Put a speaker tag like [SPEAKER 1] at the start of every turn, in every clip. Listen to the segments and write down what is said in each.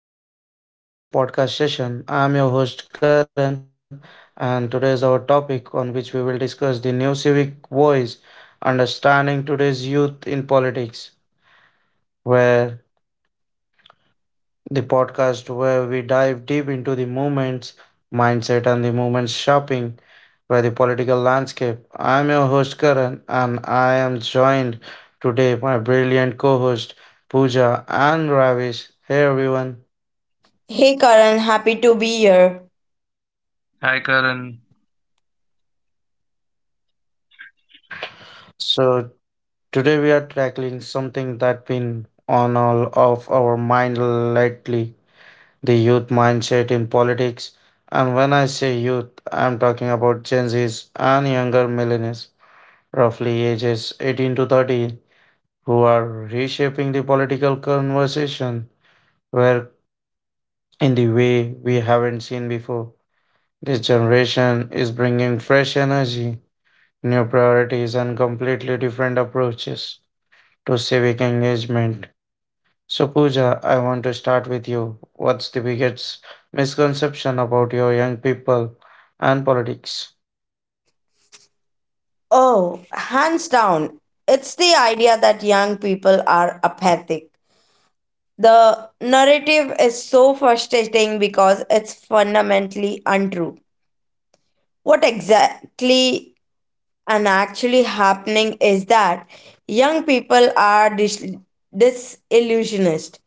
[SPEAKER 1] So, hello and welcome to our today's podcast session. I am your host Karan, and today is our topic on which we will discuss the new civic voice, understanding today's youth in politics, where the podcast where we dive deep into the movements, mindset, and the movement's shopping by the political landscape. I am your host Karan, and I am joined today by brilliant co-host Pooja and Ravish. Hey everyone.
[SPEAKER 2] Hey Karan, happy to be here.
[SPEAKER 3] Hi Karan.
[SPEAKER 1] So Today we are tackling something that's been on all of our mind lately, the youth mindset in politics. And when I say youth, I'm talking about Gen Zs and younger millennials, roughly ages 18 to 30, who are reshaping the political conversation where in the way we haven't seen before. This generation is bringing fresh energy, new priorities and completely different approaches to civic engagement. So, Pooja, I want to start with you. What's the biggest misconception about your young people and politics?
[SPEAKER 2] Oh, hands down, it's the idea that young people are apathic. The narrative is so frustrating because it's fundamentally untrue. What exactly and actually happening is that young people are disillusionist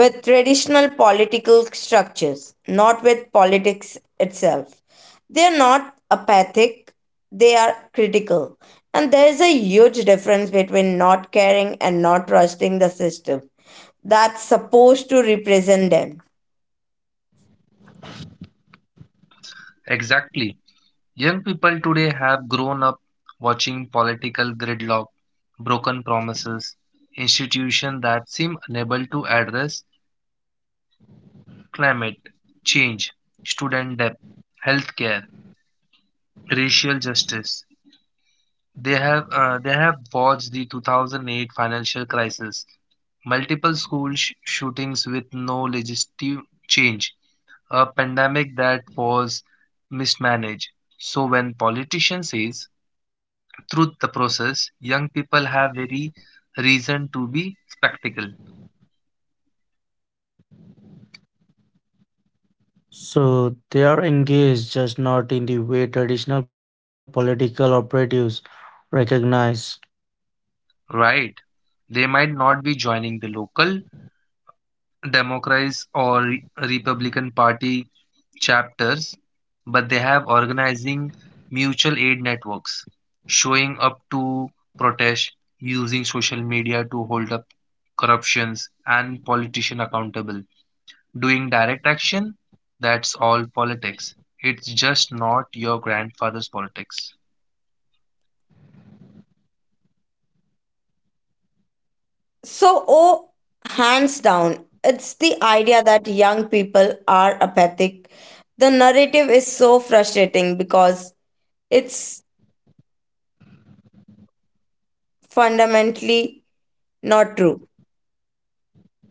[SPEAKER 2] with traditional political structures, not with politics itself. They are not apathic, they are critical. And there is a huge difference between not caring and not trusting the system that's supposed to represent them.
[SPEAKER 3] Exactly. Young people today have grown up watching political gridlock, broken promises, institutions that seem unable to address climate change, student debt, healthcare, racial justice. They have watched the 2008 financial crisis, multiple school shootings with no legislative change, a pandemic that was mismanaged. So when politician says through the process, young people have very reason to be spectacle,
[SPEAKER 1] So they are engaged, just not in the way traditional political operatives recognize.
[SPEAKER 3] right? They might not be joining the local Democrats or Republican Party chapters, but they have organizing mutual aid networks, showing up to protest, using social media to hold up corruptions and politician accountable, doing direct action. That's all politics. It's just not your grandfather's politics.
[SPEAKER 2] Oh, hands down, it's the idea that young people are apathic. The narrative is so frustrating because it's fundamentally not true.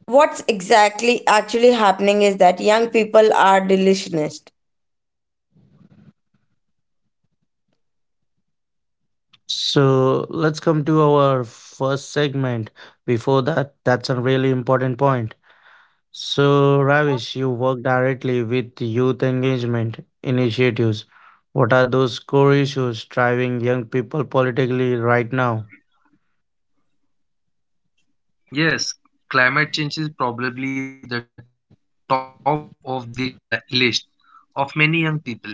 [SPEAKER 2] What's exactly actually happening is that young people are delusionist.
[SPEAKER 1] So let's come to our first segment. Before that, that's a really important point. So, you work directly with youth engagement initiatives. What are those core issues driving young people politically right now?
[SPEAKER 3] Yes, climate change is probably the top of the list of many young people,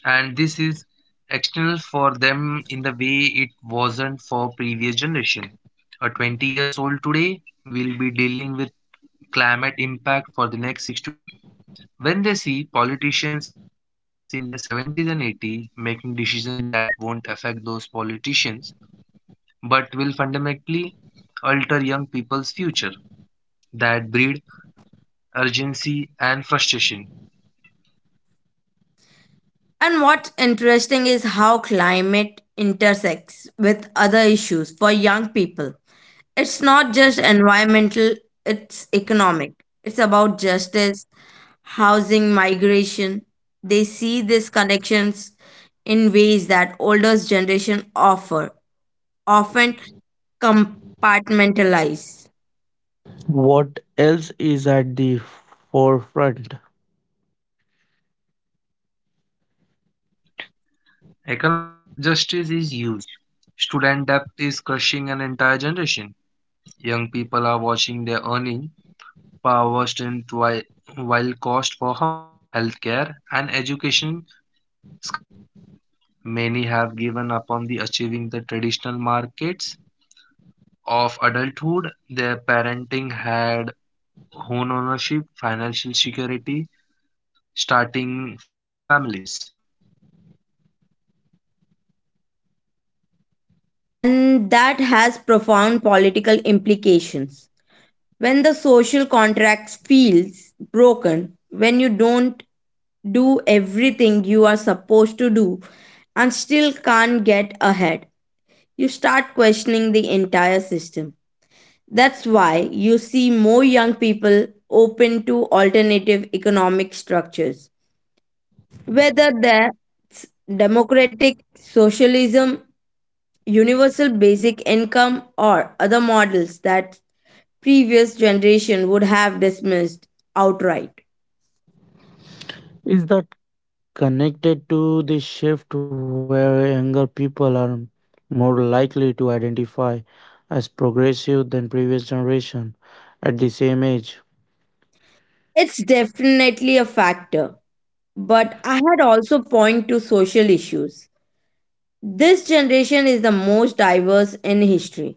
[SPEAKER 3] and this is external for them in the way it wasn't for previous generation. A 20 years old today will be dealing with climate impact for the next 60 to 70 years. When they see politicians in their 70s and 80s making decisions that won't affect those politicians but will fundamentally alter young people's future that breed urgency and frustration.
[SPEAKER 2] And what's interesting is how climate intersects with other issues for young people. It's not just environmental, it's economic. It's about justice, housing, migration. They see these connections in ways that older generation offer, often compartmentalize.
[SPEAKER 1] What else is at the forefront?
[SPEAKER 3] Economic justice is huge. Student debt is crushing an entire generation. Young people are watching their earning power strength while cost for housing, healthcare, and education skyrocket. Many have given up on the achieving the traditional markets of adulthood. Their parenting had home ownership, financial security, starting families.
[SPEAKER 2] And that has profound political implications. When the social contract feels broken, when you don't do everything you are supposed to do and still can't get ahead, you start questioning the entire system. That's why you see more young people open to alternative economic structures, whether that's democratic socialism, universal basic income, or other models that previous generation would have dismissed outright.
[SPEAKER 1] Is that connected to the shift where younger people are more likely to identify as progressive than previous generation at the same age?
[SPEAKER 2] It's definitely a factor, but I had also point to social issues. This generation is the most diverse in history.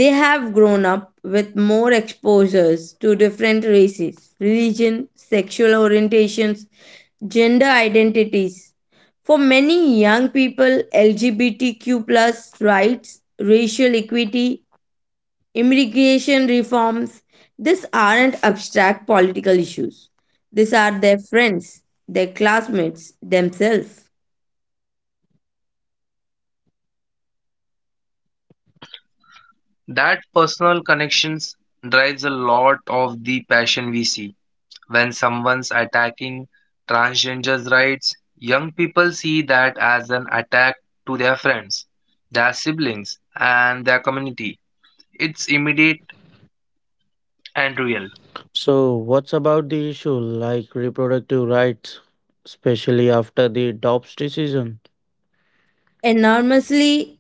[SPEAKER 2] They have grown up with more exposures to different races, religion, sexual orientations, gender identities. For many young people, LGBTQ plus rights, racial equity, immigration reforms, these aren't abstract political issues. These are their friends, their classmates, themselves.
[SPEAKER 3] That personal connections drives a lot of the passion we see when someone's attacking transgender's rights, young people see that as an attack to their friends, their siblings, and their community. It's immediate and real.
[SPEAKER 1] So, what's about the issue like reproductive rights, especially after the Dobbs decision?
[SPEAKER 2] Enormously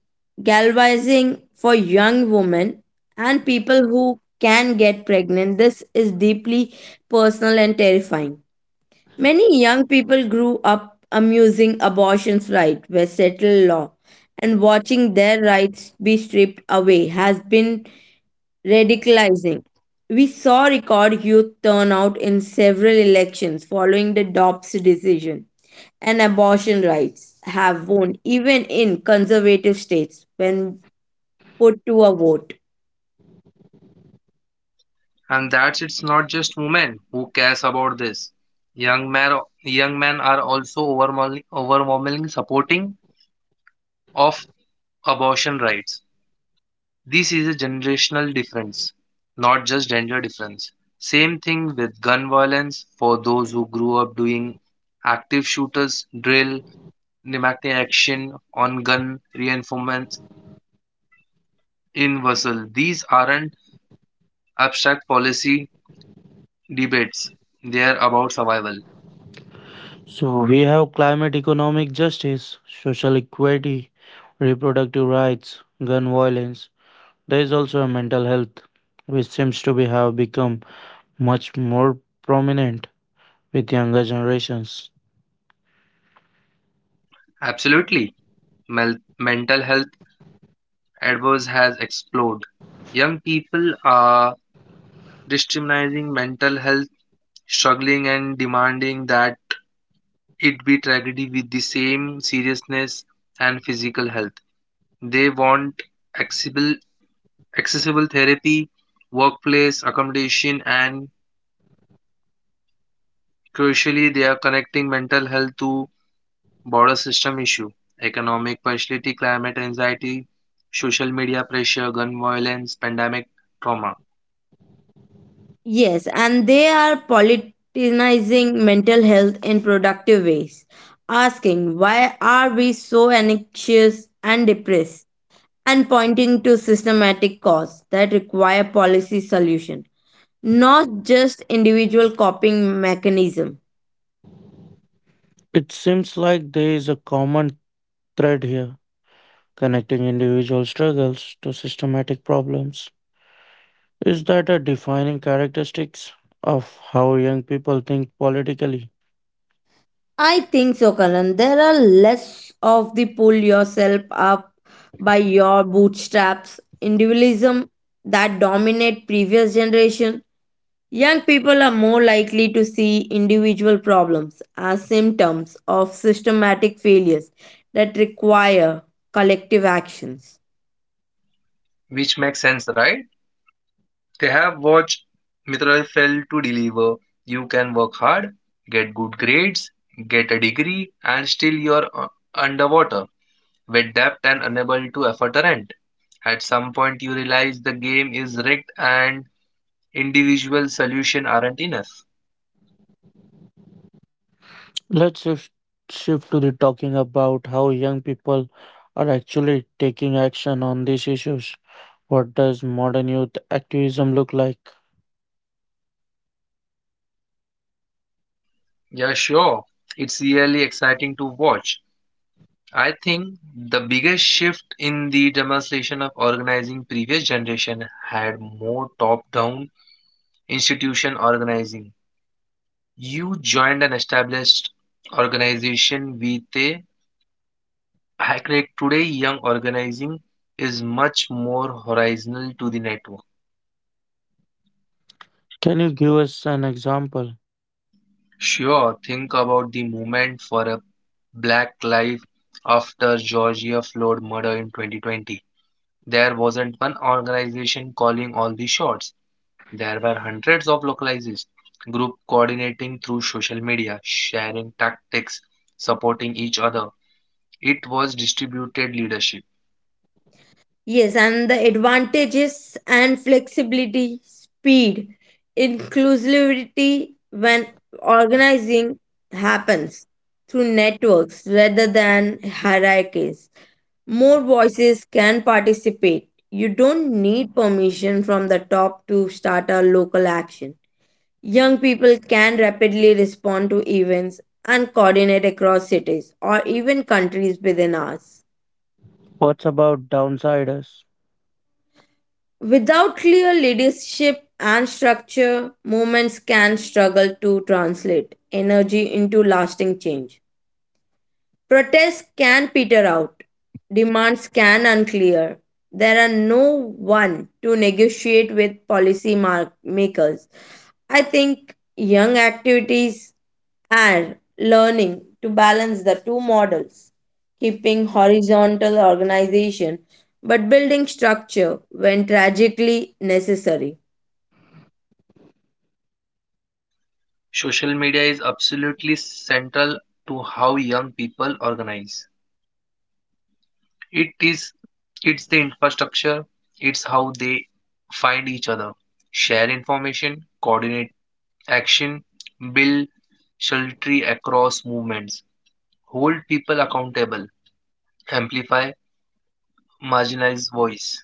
[SPEAKER 2] galvanizing for young women and people who can get pregnant. This is deeply personal and terrifying. Many young people grew up amusing abortion's right were settled law, and watching their rights be stripped away has been radicalizing. We saw record youth turnout in several elections following the Dobbs decision, and abortion rights have won even in conservative states when put to a vote.
[SPEAKER 3] And that's it's not just women who cares about this. Young men, young men are also overwhelmingly supporting of abortion rights. This is a generational difference, not just gender difference. Same thing with gun violence for those who grew up doing active shooters drill, pneumatic action on gun reinforcement in vessel. These aren't abstract policy debates. They are about survival.
[SPEAKER 1] So, we have climate economic justice, social equity, reproductive rights, gun violence. There is also a mental health, which seems to be have become much more prominent with younger generations.
[SPEAKER 3] Absolutely. Mental health adverse has exploded. Young people are discriminating mental health, struggling and demanding that it be tragedy with the same seriousness and physical health. They want accessible, accessible therapy, workplace accommodation, and crucially, they are connecting mental health to border system issue, economic partiality, climate anxiety, social media pressure, gun violence, pandemic trauma.
[SPEAKER 2] Yes, and they are politicizing mental health in productive ways, asking why are we so anxious and depressed, and pointing to systematic causes that require policy solution, not just individual coping mechanism.
[SPEAKER 1] It seems like there is a common thread here, connecting individual struggles to systematic problems. Is that a defining characteristics of how young people think politically?
[SPEAKER 2] I think so, Karan. There are less of the pull yourself up by your bootstraps individualism that dominate previous generation. Young people are more likely to see individual problems as symptoms of systematic failures that require collective actions.
[SPEAKER 3] Which makes sense, right? They have watched Mitra fail to deliver. You can work hard, get good grades, get a degree, and still you're underwater, with debt and unable to afford a rent. At some point, you realize the game is rigged and individual solutions aren't enough.
[SPEAKER 1] Let's shift to the talking about how young people are actually taking action on these issues. What does modern youth activism look like?
[SPEAKER 3] Yeah, sure. It's really exciting to watch. I think the biggest shift in the demonstration of organizing previous generation had more top-down institution organizing. You joined an established organization with a hacknet. Today, young organizing is much more horizontal to the network.
[SPEAKER 1] Can you give us an example?
[SPEAKER 3] Sure, think about the movement for a black life after Georgia Floyd murder in 2020. There wasn't one organization calling all the shots. There were hundreds of localized groups coordinating through social media, sharing tactics, supporting each other. It was distributed leadership.
[SPEAKER 2] Yes, and the advantages and flexibility, speed, inclusivity when organizing happens through networks rather than hierarchies. More voices can participate. You don't need permission from the top to start a local action. Young people can rapidly respond to events and coordinate across cities or even countries within hours.
[SPEAKER 1] What's about downsiders?
[SPEAKER 2] Without clear leadership and structure, movements can struggle to translate energy into lasting change. Protests can peter out. Demands can unclear. There are no one to negotiate with makers. I think young activities are learning to balance the two models, keeping horizontal organization but building structure when tragically necessary.
[SPEAKER 3] Social media is absolutely central to how young people organize. It is it's the infrastructure, it's how they find each other, share information, coordinate action, build solidarity across movements, hold people accountable, amplify marginalized voice.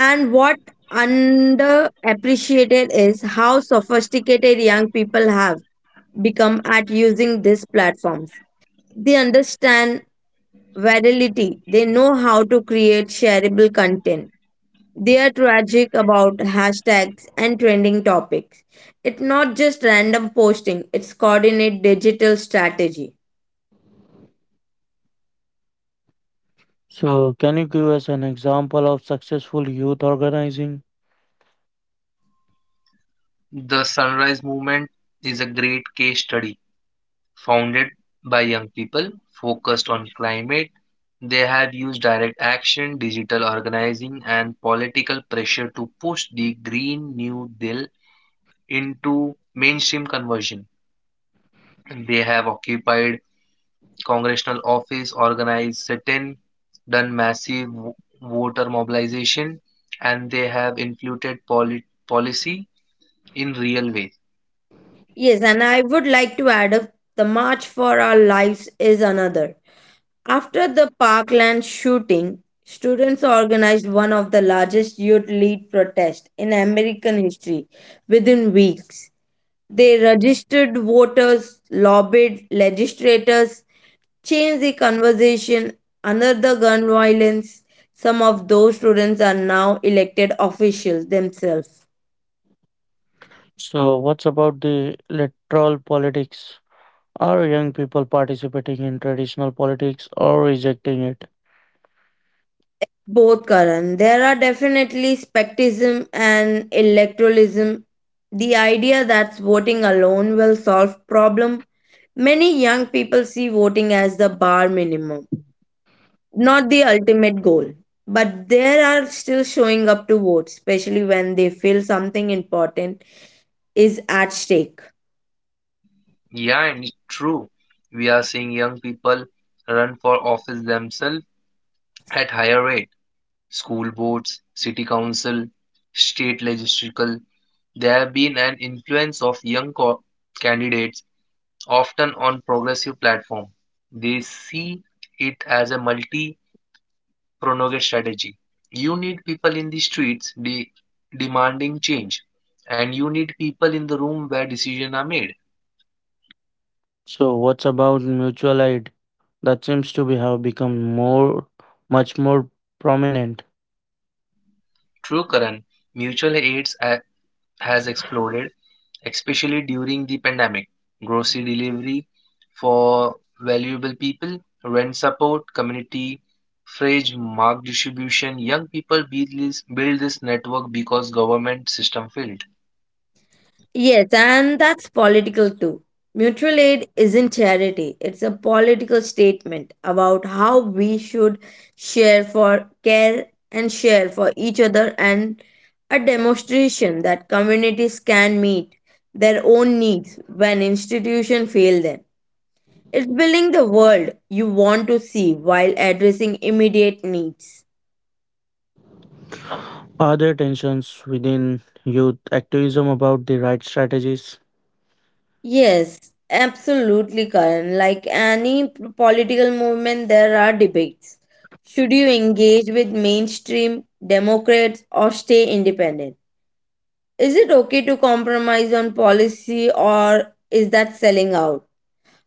[SPEAKER 2] And what underappreciated is how sophisticated young people have become at using these platforms. They understand virality, they know how to create shareable content. They are tragic about hashtags and trending topics. It's not just random posting, it's coordinate digital strategy.
[SPEAKER 1] So, can you give us an example of successful youth organizing?
[SPEAKER 3] The sunrise movement is a great case study founded by young people focused on climate. They have used direct action, digital organizing, and political pressure to push the Green New Deal into mainstream conversion. They have occupied congressional office, organized sit-in, done massive voter mobilization, and they have influenced policy in real ways.
[SPEAKER 2] Yes, and I would like to add up the march for our lives is another. After the Parkland shooting, students organized one of the largest youth lead protests in American history within weeks. They registered voters, lobbied legislators, changed the conversation under the gun violence. Some of those students are now elected officials themselves.
[SPEAKER 1] So, what's about the electoral politics? Are young people participating in traditional politics or rejecting it?
[SPEAKER 2] Both, Karan. There are definitely spectism and electoralism. The idea that voting alone will solve problem. Many young people see voting as the bar minimum, not the ultimate goal. But there are still showing up to vote, especially when they feel something important is at stake.
[SPEAKER 3] Yeah, and it's true. We are seeing young people run for office themselves at higher rate. School boards, city council, state legislature, there have been an influence of young candidates, often on progressive platform. They see it as a multi-pronged strategy. You need people in the streets demanding change, and you need people in the room where decisions are made.
[SPEAKER 1] So, what's about mutual aid? That seems to be have become much more prominent.
[SPEAKER 3] True, Karan, mutual aids has exploded especially during the pandemic. Grocery delivery for valuable people, rent support, community fridge, mark distribution. Young people build this network because government system failed.
[SPEAKER 2] Yes, and that's political too. Mutual aid isn't charity, it's a political statement about how we should share for care and share for each other, and a demonstration that communities can meet their own needs when institutions fail them. It's building the world you want to see while addressing immediate needs.
[SPEAKER 1] Are there tensions within youth activism about the right strategies?
[SPEAKER 2] Yes, absolutely, Karan. Like any political movement, there are debates. Should you engage with mainstream Democrats or stay independent? Is it okay to compromise on policy or is that selling out?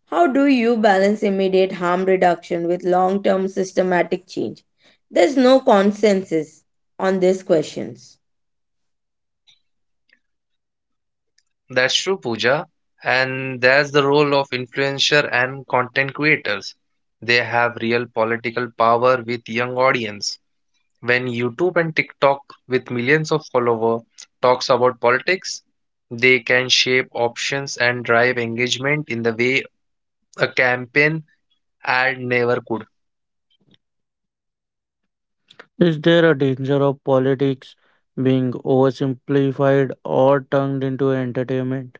[SPEAKER 2] How do you balance immediate harm reduction with long term systematic change? There's no consensus on these questions.
[SPEAKER 3] That's true, Pooja. And that's the role of influencer and content creators. They have real political power with young audience. When YouTube and TikTok, with millions of followers, talks about politics, they can shape options and drive engagement in the way a campaign ad never could.
[SPEAKER 1] Is there a danger of politics being oversimplified or turned into entertainment?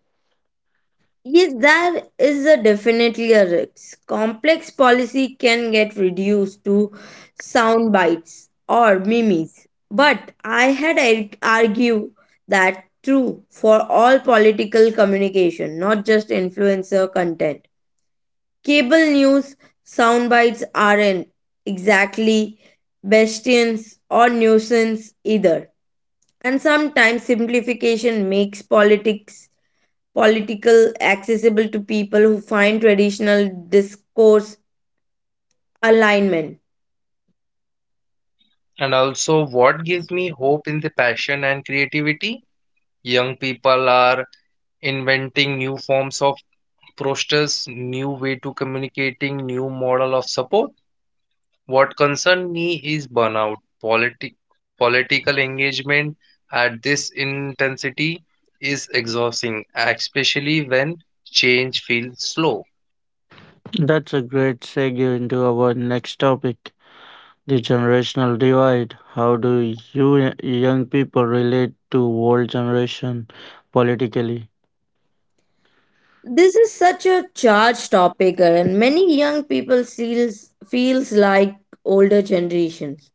[SPEAKER 2] Yes, there is a definitely a risk. Complex policy can get reduced to sound bites or memes. But I had argue that true for all political communication, not just influencer content. Cable news sound bites aren't exactly bastions or nuisance either. And sometimes simplification makes politics political, accessible to people who find traditional discourse alignment.
[SPEAKER 3] And also, what gives me hope in the passion and creativity? Young people are inventing new forms of posters, new way to communicating, new model of support. What concerns me is burnout. Politi- Political engagement at this intensity is exhausting, especially when change feels slow.
[SPEAKER 1] That's a great segue into our next topic. The generational divide. How do young people relate to old generation politically?
[SPEAKER 2] This is such a charged topic, and many young people feels like older generations,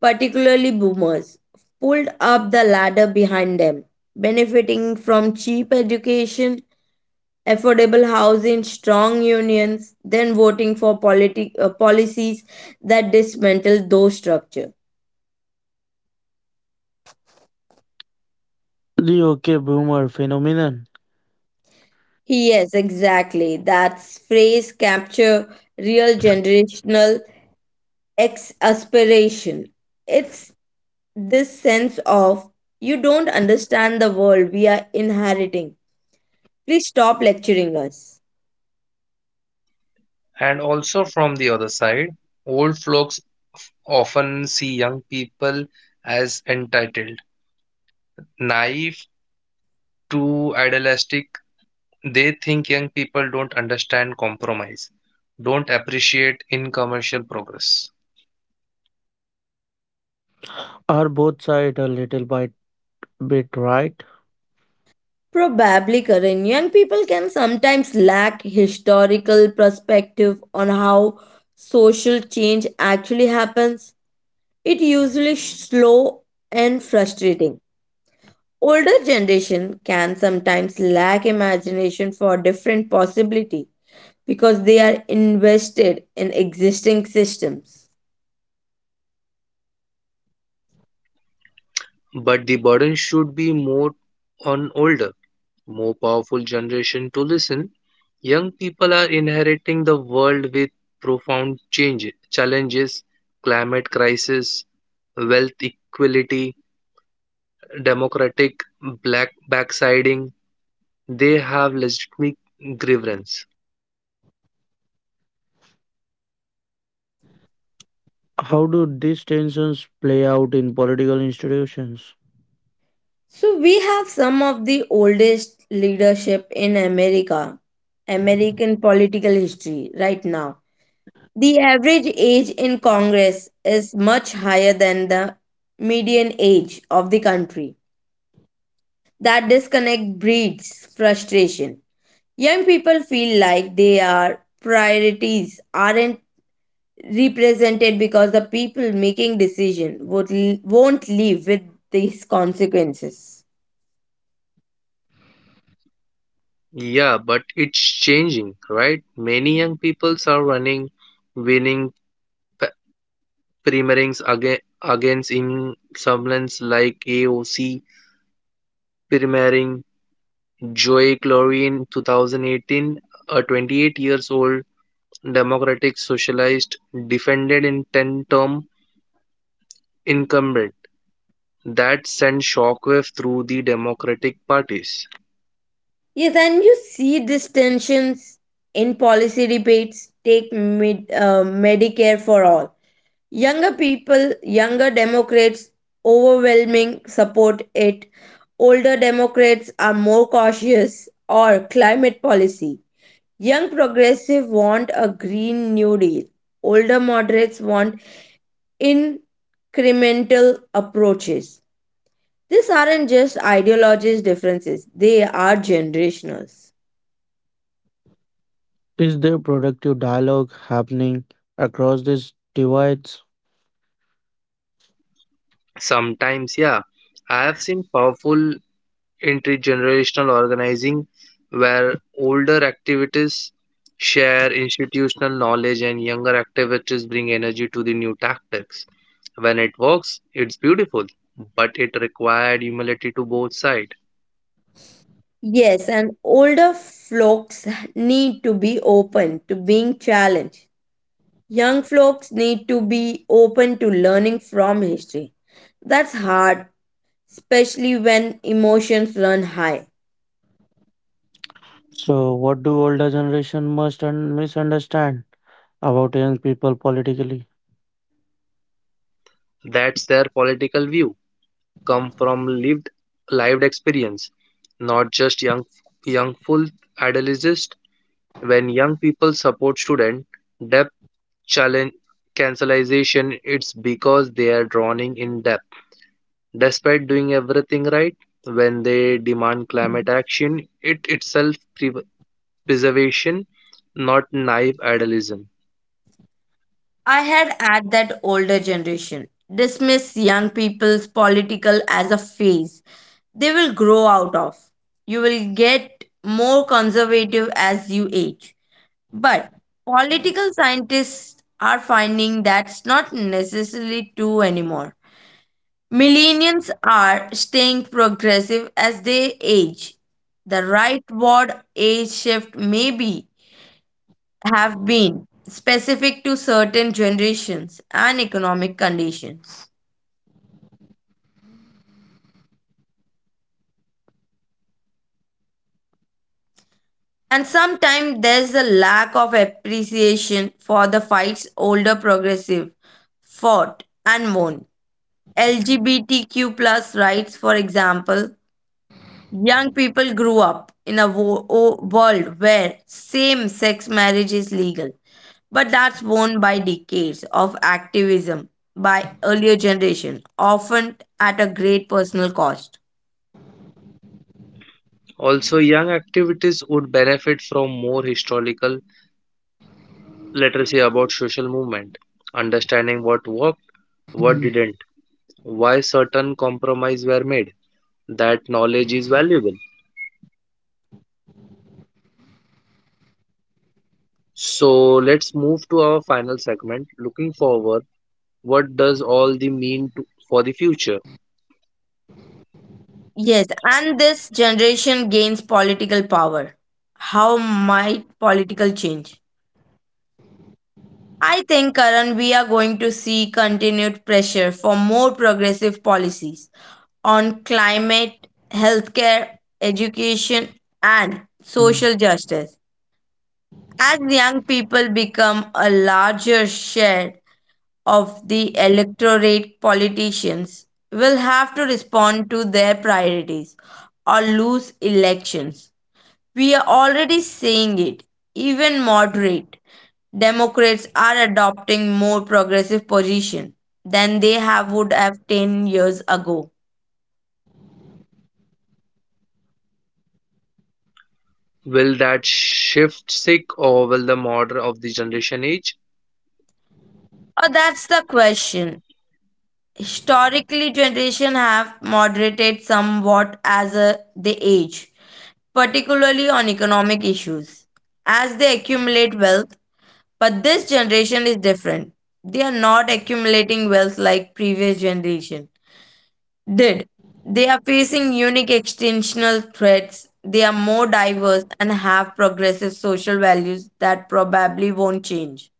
[SPEAKER 2] particularly boomers, pulled up the ladder behind them, benefiting from cheap education, affordable housing, strong unions, then voting for policies that dismantle those structures.
[SPEAKER 1] The OK boomer phenomenon.
[SPEAKER 2] Yes, exactly. That phrase capture real generational ex aspiration. It's this sense of you don't understand the world we are inheriting. Please stop lecturing us.
[SPEAKER 3] And also, from the other side, old folks often see young people as entitled, naive to idealistic. They think young people don't understand compromise, don't appreciate in commercial progress.
[SPEAKER 1] Are both sides bit right?
[SPEAKER 2] Probably, Karan, young people can sometimes lack historical perspective on how social change actually happens. It usually slow and frustrating. Older generation can sometimes lack imagination for different possibility because they are invested in existing systems.
[SPEAKER 3] But the burden should be more on older more powerful generation to listen, young people are inheriting the world with profound change, challenges, climate crisis, wealth equality, democratic black backsliding. They have legitimate grievance.
[SPEAKER 1] How do these tensions play out in political institutions?
[SPEAKER 2] So we have some of the oldest leadership in America, American political history right now. The average age in Congress is much higher than the median age of the country. That disconnect breeds frustration. Young people feel like their priorities aren't represented because the people making decision would won't live with these consequences.
[SPEAKER 3] Yeah, but it's changing, right? Many young peoples are running, winning p- primaries against incumbents like AOC, primarying Joey Glory 2018, a 28 years old Democratic socialist, defended in 10 term incumbent. That sent shockwave through the Democratic parties.
[SPEAKER 2] Yes, and you see these tensions in policy debates. Take mid Medicare for all. Younger people, younger Democrats overwhelming support it. Older Democrats are more cautious or climate policy. Young progressive want a green new deal. Older moderates want incremental approaches. These aren't just ideologies differences, they are generationals.
[SPEAKER 1] Is there productive dialogue happening across these divides?
[SPEAKER 3] Sometimes, yeah, I have seen powerful intergenerational organizing, where older activities share institutional knowledge and younger activities bring energy to the new tactics. When it works, it's beautiful, but it required humility to both sides.
[SPEAKER 2] Yes, and older folks need to be open to being challenged. Young folks need to be open to learning from history. That's hard, especially when emotions run high.
[SPEAKER 1] So, what do older generation must misunderstand about young people politically?
[SPEAKER 3] That's their political view, come from lived experience, not just young full adolescents. When young people support student, depth challenge cancelization, it's because they are drawing in depth. Despite doing everything right, when they demand climate action, it itself preservation, not naive idealism.
[SPEAKER 2] I had at that older generation dismiss young people's political as a phase they will grow out of. You will get more conservative as you age. But political scientists are finding that's not necessarily true anymore. Millennials are staying progressive as they age. The rightward age shift maybe have been specific to certain generations and economic conditions. And sometimes there's a lack of appreciation for the fights older progressive fought and won. LGBTQ plus rights, for example, young people grew up in a world where same sex marriage is legal, but that's worn by decades of activism by earlier generation, often at a great personal cost.
[SPEAKER 3] Also, young activities would benefit from more historical literacy about social movement, understanding what worked, what
[SPEAKER 1] Mhm.
[SPEAKER 3] didn't, why certain compromises were made. That knowledge is valuable. So let's move to our final segment. Looking forward, what does all the mean for the future?
[SPEAKER 2] Yes, and this generation gains political power. How might political change? I think, Karan, we are going to see continued pressure for more progressive policies on climate, healthcare, education, and social justice. As young people become a larger share of the electorate, politicians will have to respond to their priorities or lose elections. We are already seeing it. Even moderate Democrats are adopting more progressive position than they have would have 10 years ago.
[SPEAKER 3] Will that shift sick or will the model of the generation age?
[SPEAKER 2] That's the question. Historically, generation have moderated somewhat as they age, particularly on economic issues, as they accumulate wealth. But this generation is different. They are not accumulating wealth like previous generation did. They are facing unique extensional threats. They are more diverse and have progressive social values that probably won't change.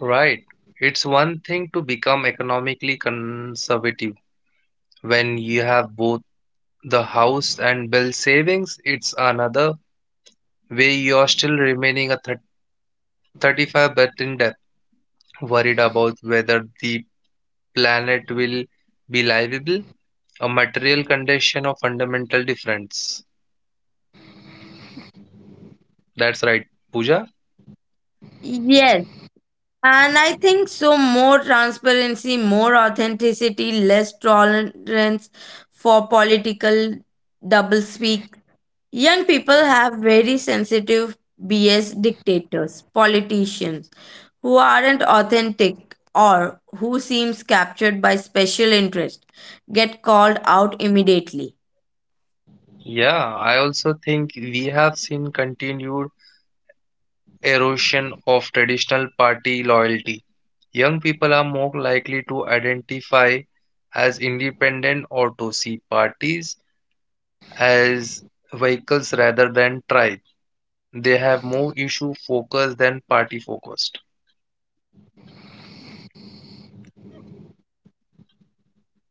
[SPEAKER 3] Right. It's one thing to become economically conservative when you have both the house and bill savings. It's another way you're still remaining a thir 35 but in debt, worried about whether the planet will be livable, a material condition or fundamental difference. That's right, Pooja.
[SPEAKER 2] Yes, and I think so more transparency, more authenticity, less tolerance for political doublespeak. Young people have very sensitive BS dictators, politicians who aren't authentic or who seems captured by special interest get called out immediately.
[SPEAKER 3] Yeah, I also think we have seen continued erosion of traditional party loyalty. Young people are more likely to identify as independent or to see parties as vehicles rather than tribe. They have more issue focused than party focused.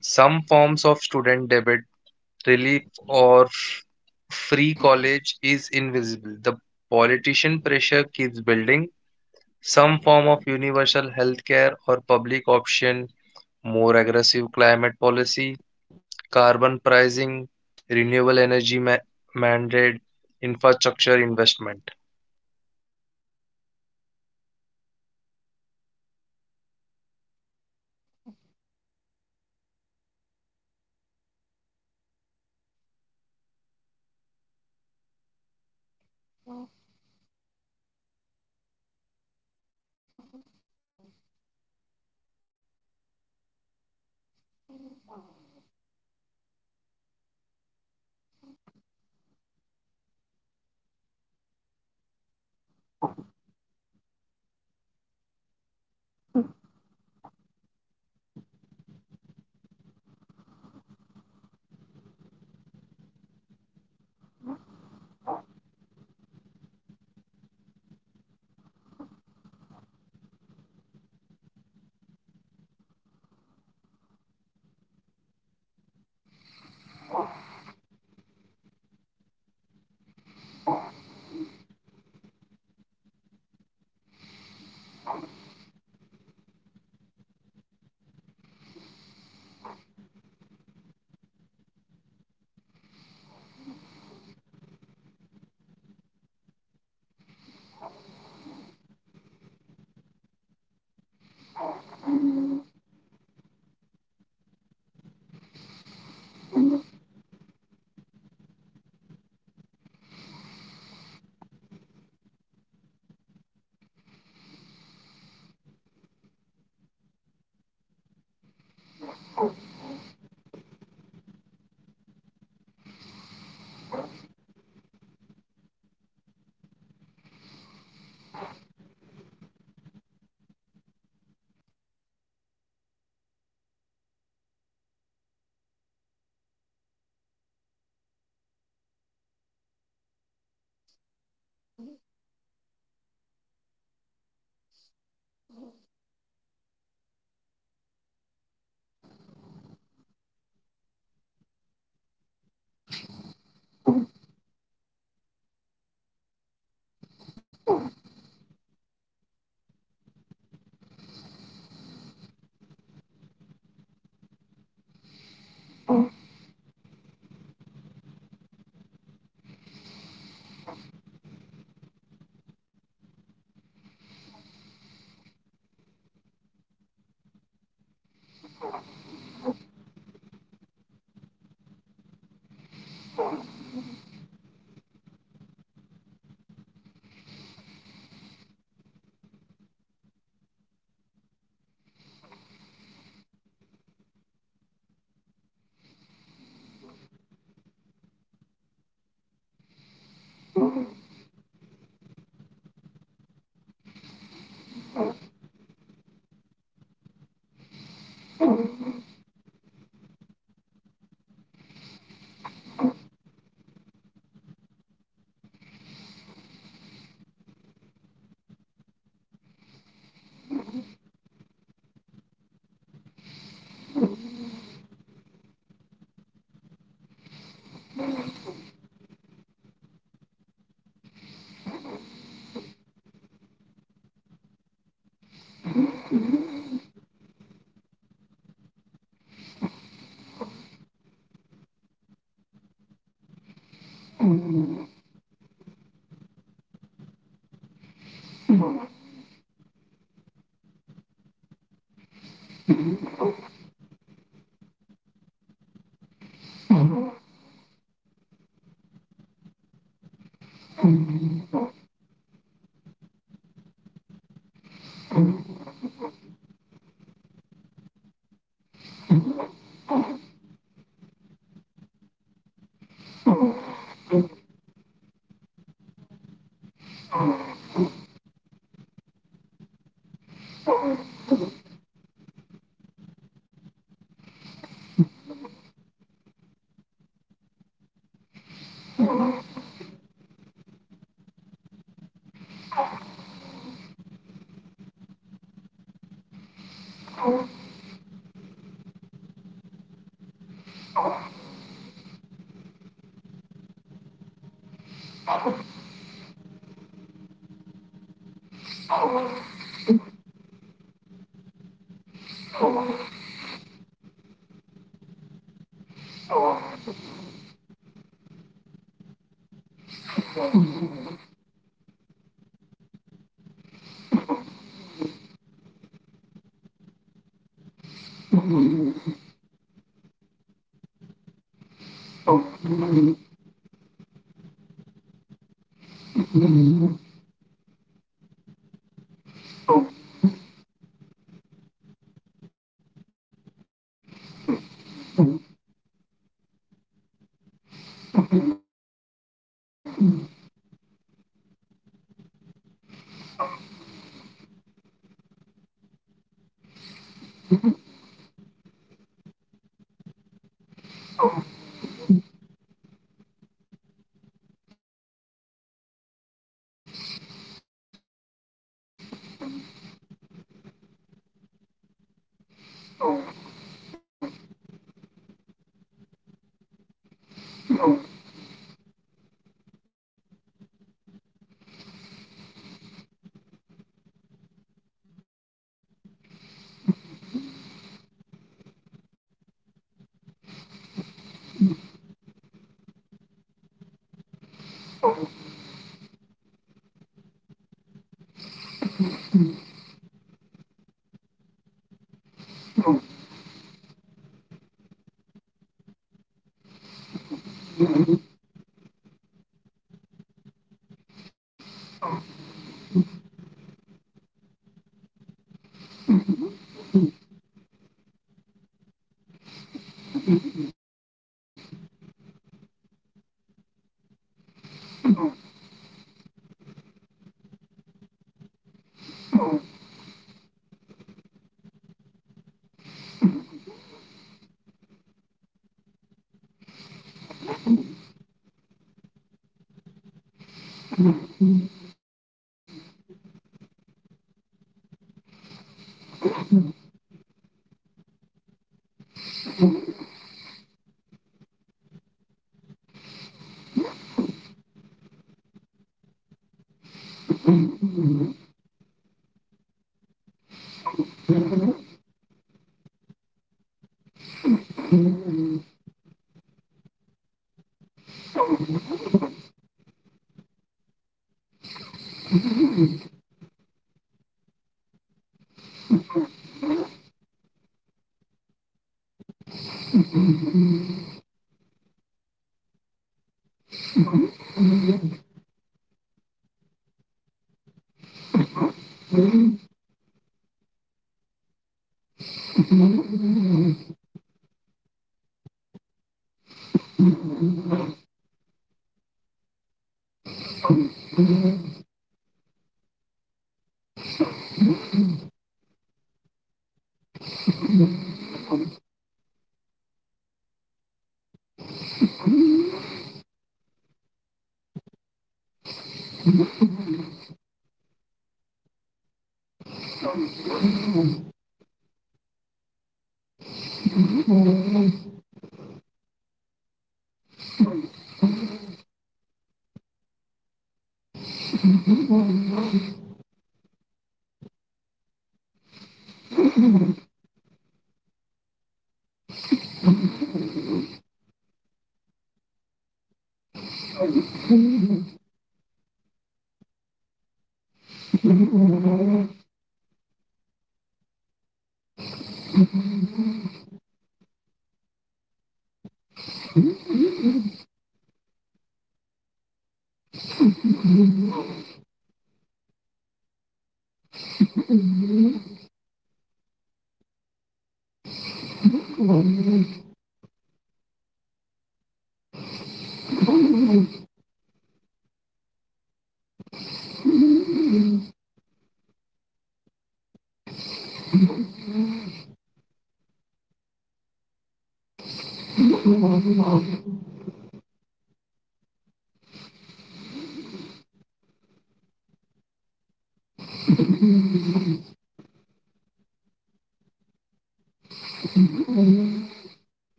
[SPEAKER 3] Some forms of student debate, relief, or free college is invisible. The politician pressure keeps building. Some form of universal health care or public option more aggressive climate policy, carbon pricing, renewable energy mandate, infrastructure investment.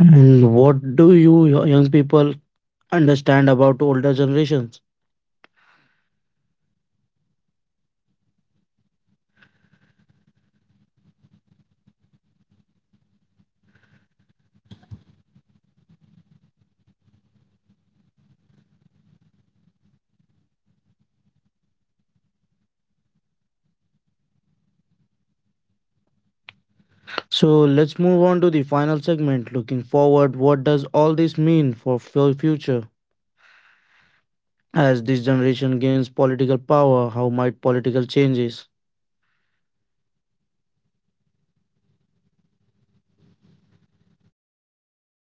[SPEAKER 1] And what do you young people understand about older generations? So let's move on to the final segment. Looking forward, what does all this mean for future? As this generation gains political power, how might political changes